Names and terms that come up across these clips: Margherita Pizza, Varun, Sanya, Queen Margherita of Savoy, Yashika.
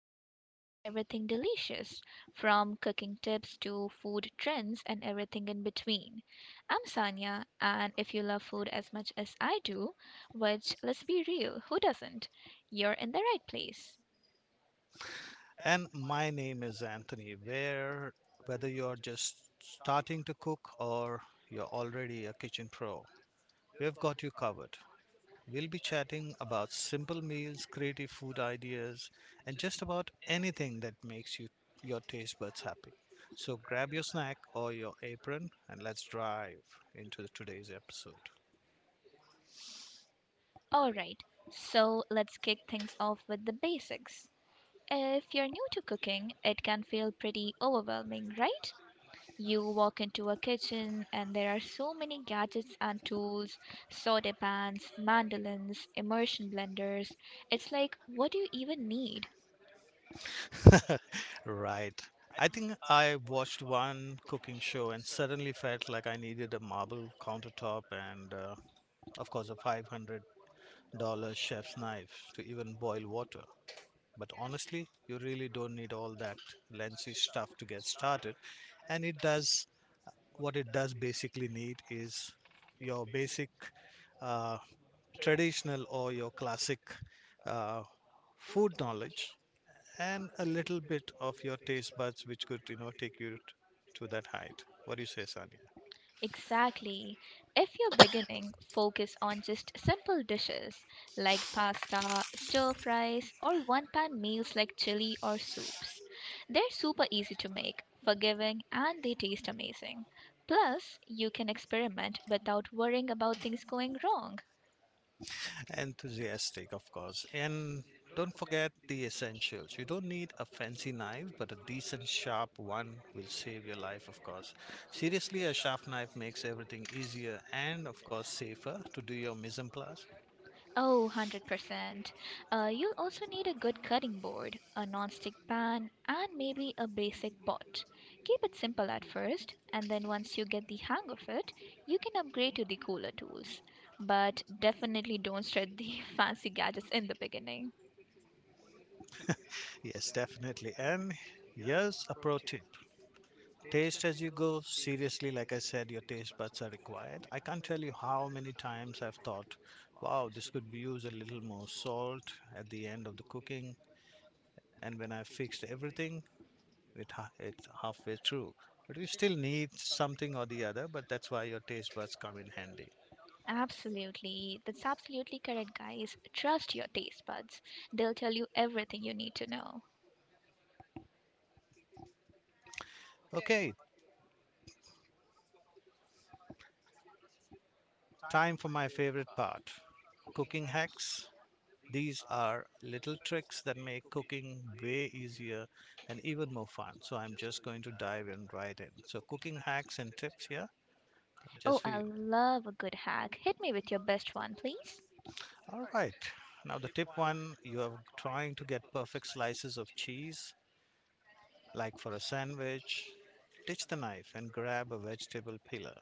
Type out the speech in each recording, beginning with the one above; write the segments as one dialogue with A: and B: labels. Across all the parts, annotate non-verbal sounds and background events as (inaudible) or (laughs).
A: talk about everything delicious, from cooking tips to food trends and everything in between. I'm Sanya, and if you love food as much as I do, which let's be real, who doesn't? You're in the right place.
B: And my name is Anthony. Whether you're just starting to cook or you're already a kitchen pro, we've got you covered. We'll be chatting about simple meals, creative food ideas, and just about anything that makes your taste buds happy. So grab your snack or your apron and let's drive into today's episode.
A: Alright, so let's kick things off with the basics. If you're new to cooking, it can feel pretty overwhelming, right? You walk into a kitchen and there are so many gadgets and tools, soda pans, mandolins, immersion blenders. It's like, what do you even need?
B: (laughs) Right. I think I watched one cooking show and suddenly felt like I needed a marble countertop and, of course, a $500 chef's knife to even boil water. But honestly, you really don't need all that lensy stuff to get started. And it does What it does basically need is your basic uh, traditional or your classic uh, food knowledge and a little bit of your taste buds, which could, you know, take to that height. What do you say, Sanya?
A: Exactly. If you're beginning, focus on just simple dishes like pasta, stir fries, or one pan meals like chili or soups. They're super easy to make, forgiving, and they taste amazing. Plus, you can experiment without worrying about things going wrong.
B: Enthusiastic, of course. And don't forget the essentials. You don't need a fancy knife, but a decent, sharp one will save your life, of course. Seriously, a sharp knife makes everything easier and, of course, safer to do your mise en place.
A: Oh, 100%. You'll also need a good cutting board, a non-stick pan, and maybe a basic pot. Keep it simple at first, and then once you get the hang of it, you can upgrade to the cooler tools. But definitely don't start the (laughs) fancy gadgets in the beginning.
B: Yes, definitely. And here's a pro tip: taste as you go. Seriously, like I said, your taste buds are required. I can't tell you how many times I've thought, wow, this could be used a little more salt at the end of the cooking. And when I fixed everything, it's halfway through. But we still need something or the other, but that's why your taste buds come in handy.
A: Absolutely. That's absolutely correct, guys. Trust your taste buds. They'll tell you everything you need to know.
B: Okay, time for my favorite part: cooking hacks. These are little tricks that make cooking way easier and even more fun. So I'm just going to dive in right in. So cooking hacks and tips here just
A: Oh,
B: for
A: I
B: you.
A: love a good hack. Hit me with your best one, please.
B: All right. Now the tip one, you are trying to get perfect slices of cheese like for a sandwich. Ditch the knife and grab a vegetable peeler.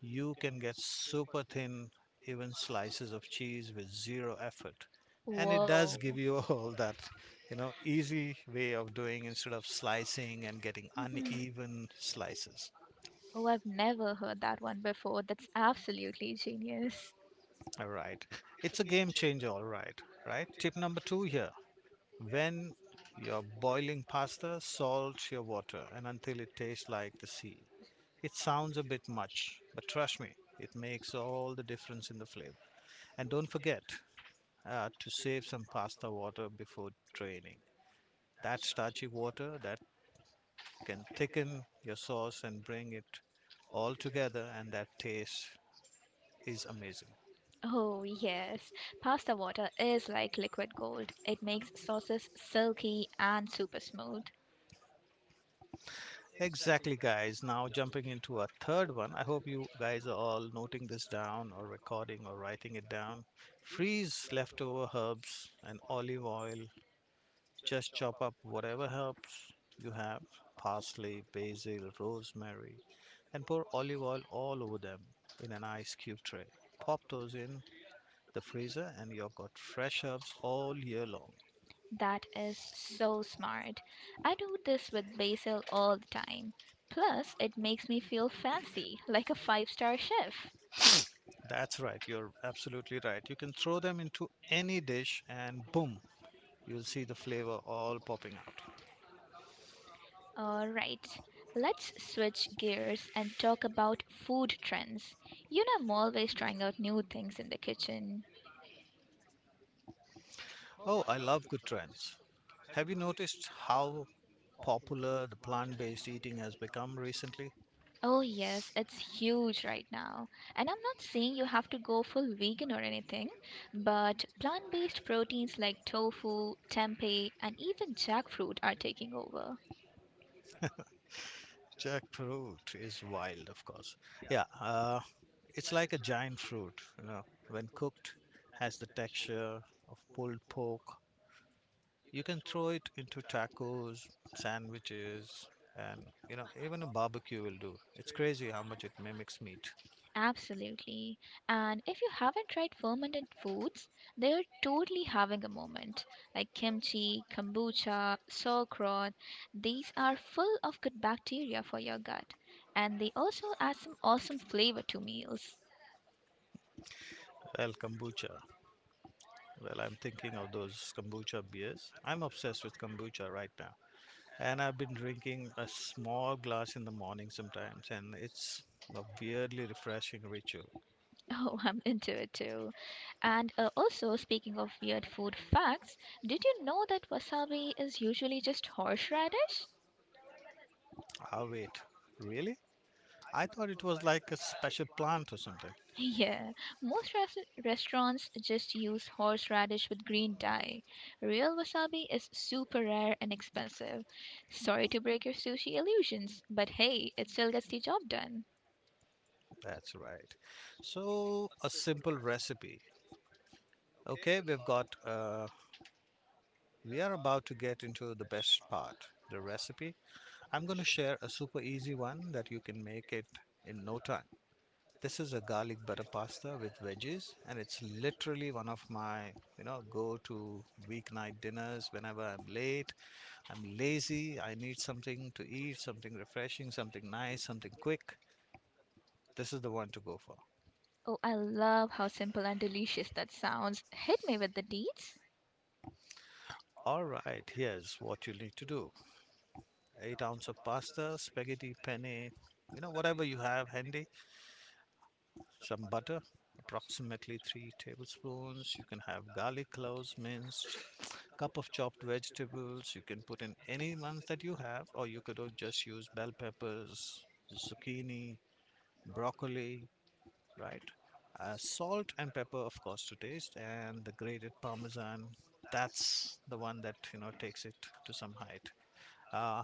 B: You can get super thin, even slices of cheese with zero effort. And it does
A: Whoa.
B: give you (laughs) all that, you know, easy way of doing instead of slicing and getting
A: Mhm.
B: uneven slices.
A: Oh, I've never heard that one before. That's absolutely genius.
B: All right. It's a game changer, all right. Right? Tip number two here. When you're boiling pasta, salt your water and until it tastes like the sea. It sounds a bit much, but trust me, it makes all the difference in the flavor. And don't forget, to save some pasta water before draining. That starchy water that can thicken your sauce and bring it all together, and that taste is amazing.
A: Oh, yes. Pasta water is like liquid gold. It makes sauces silky and super smooth.
B: Exactly, guys. Now jumping into a third one. I hope you guys are all noting this down, or recording, or writing it down. Freeze leftover herbs and olive oil. Just chop up whatever herbs you have: parsley, basil, rosemary, and pour olive oil all over them in an ice cube tray. Pop those in the freezer and you've got fresh herbs all year long.
A: That is so smart. I do this with basil all the time. Plus, it makes me feel fancy, like a five-star chef.
B: That's right, you're absolutely right. You can throw them into any dish and boom, you'll see the flavor all popping out.
A: Alright, let's switch gears and talk about food trends. You know, I'm always trying out new things in the kitchen.
B: Oh, I love good trends. Have you noticed how popular the plant based eating has become recently?
A: Oh, yes, it's huge right now. And I'm not saying you have to go full vegan or anything, but plant based proteins like tofu, tempeh, and even jackfruit are taking over.
B: Jackfruit is wild, of course. Yeah, it's like a giant fruit, you know, when cooked, has the texture of pulled pork. You can throw it into tacos, sandwiches, and you know, even a barbecue will do. It's crazy how much it mimics meat.
A: Absolutely. And if you haven't tried fermented foods, they're totally having a moment. Like kimchi, kombucha, sauerkraut, these are full of good bacteria for your gut. And they also add some awesome flavor to meals.
B: Well, kombucha. Well, I'm thinking of those kombucha beers. I'm obsessed with kombucha right now. And I've been drinking a small glass in the morning sometimes, and it's a weirdly refreshing ritual.
A: (laughs) Oh, I'm into it too. And also, speaking of weird food facts, did you know that wasabi is usually just horseradish?
B: Ah, wait, really? I thought it was like a special plant or something.
A: Yeah, most restaurants just use horseradish with green dye. Real wasabi is super rare and expensive. Sorry to break your sushi illusions, but hey, it still gets the job done.
B: That's right. So, a simple recipe. Okay, we are about to get into the best part, the recipe. I'm going to share a super easy one that you can make it in no time. This is a garlic butter pasta with veggies, and it's literally one of my, you know, go-to weeknight dinners whenever I'm late, I'm lazy, I need something to eat, something refreshing, something nice, something quick. This is the one to go for.
A: Oh, I love how simple and delicious that sounds. Hit me with the deets.
B: All right, here's what you need to do. 8 ounces of pasta, spaghetti penne, you know, whatever you have handy. Some butter, approximately 3 tablespoons. You can have garlic cloves minced, cup of chopped vegetables. You can put in any ones that you have, or you could just use bell peppers, zucchini, broccoli, right? Salt and pepper, of course, to taste, and the grated parmesan. That's the one that you know takes it to some height. Uh,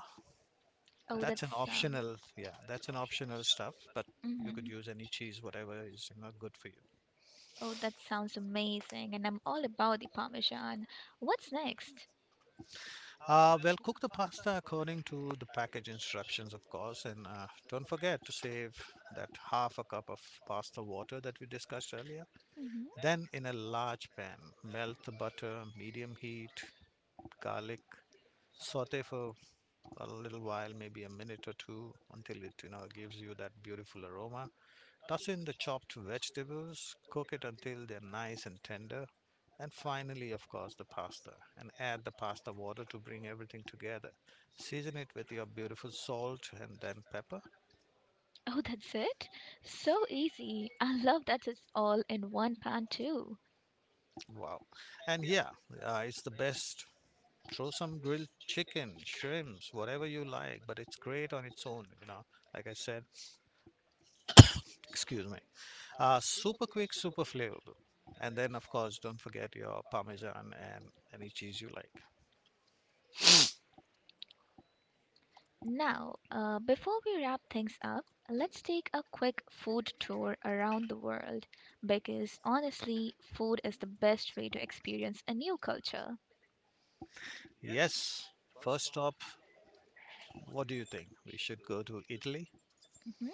A: Oh, that
B: that's an
A: sounds.
B: optional, yeah, that's an optional stuff, but you could
A: hmm
B: use any cheese, whatever is you know good for you.
A: Oh, that sounds amazing, and I'm all about the parmesan. What's next?
B: Well, cook the pasta according to the package instructions, of course, and don't forget to save that half a cup of pasta water that we discussed earlier.
A: Mm-hmm.
B: Then, in a large pan, melt the butter, medium heat, garlic, saute for a little while, maybe a minute or two, until it you know gives you that beautiful aroma. Toss in the chopped vegetables, cook it until they're nice and tender, and finally, of course, the pasta. And add the pasta water to bring everything together. Season it with your beautiful salt and then pepper.
A: Oh, that's it? So easy. I love that it's all in one pan, too.
B: Wow. And yeah, it's the best. Throw some grilled chicken, shrimps, whatever you like, but it's great on its own, you know. Like I said, excuse me. Super quick, super flavorful. And then, of course, don't forget your parmesan and any cheese you like.
A: Now, before we wrap things up, let's take a quick food tour around the world because honestly, food is the best way to experience a new culture.
B: Yes. First stop, what do you think? We should go to Italy?
A: hmm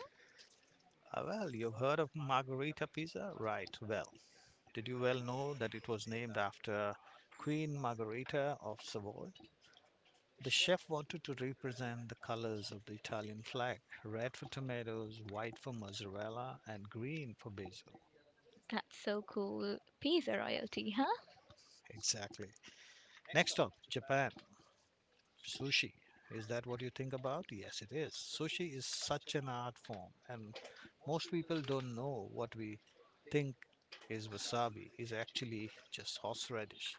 B: Ah, well, you've heard of Margherita Pizza? Right, well. Did you well know that it was named after Queen Margherita of Savoy? The chef wanted to represent the colors of the Italian flag: red for tomatoes, white for mozzarella, and green for basil.
A: That's so cool. Pizza royalty, huh?
B: Exactly. Next stop, Japan. Sushi. Is that what you think about? Yes, it is. Sushi is such an art form, and most people don't know what we think is wasabi is actually just horseradish.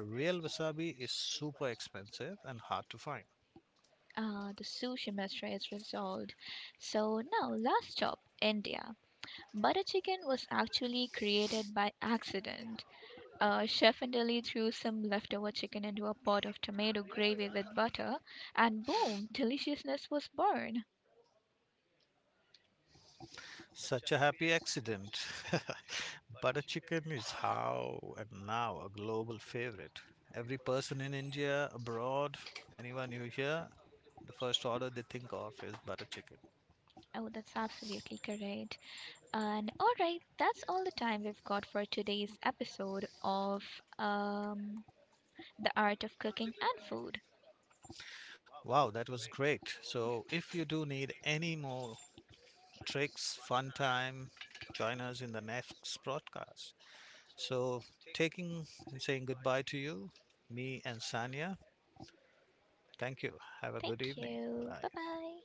B: Real wasabi is super expensive and hard to find.
A: Ah, the sushi mystery is resolved. So, now, last stop India. Butter chicken was actually created by accident. Chef Indeli threw some leftover chicken into a pot of tomato gravy with butter, and boom, deliciousness was born.
B: Such a happy accident. (laughs) Butter chicken is how and now a global favorite. Every person in India, abroad, anyone you hear, the first order they think of is butter chicken.
A: Oh, that's absolutely correct. And all right, that's all the time we've got for today's episode of um, The Art of Cooking and Food.
B: Wow, that was great. So, if you do need any more tricks, fun time, join us in the next broadcast. So, taking and saying goodbye to you, me and Sanya. Thank you. Have a good
A: Thank
B: evening.
A: you.
B: Bye.
A: Bye bye.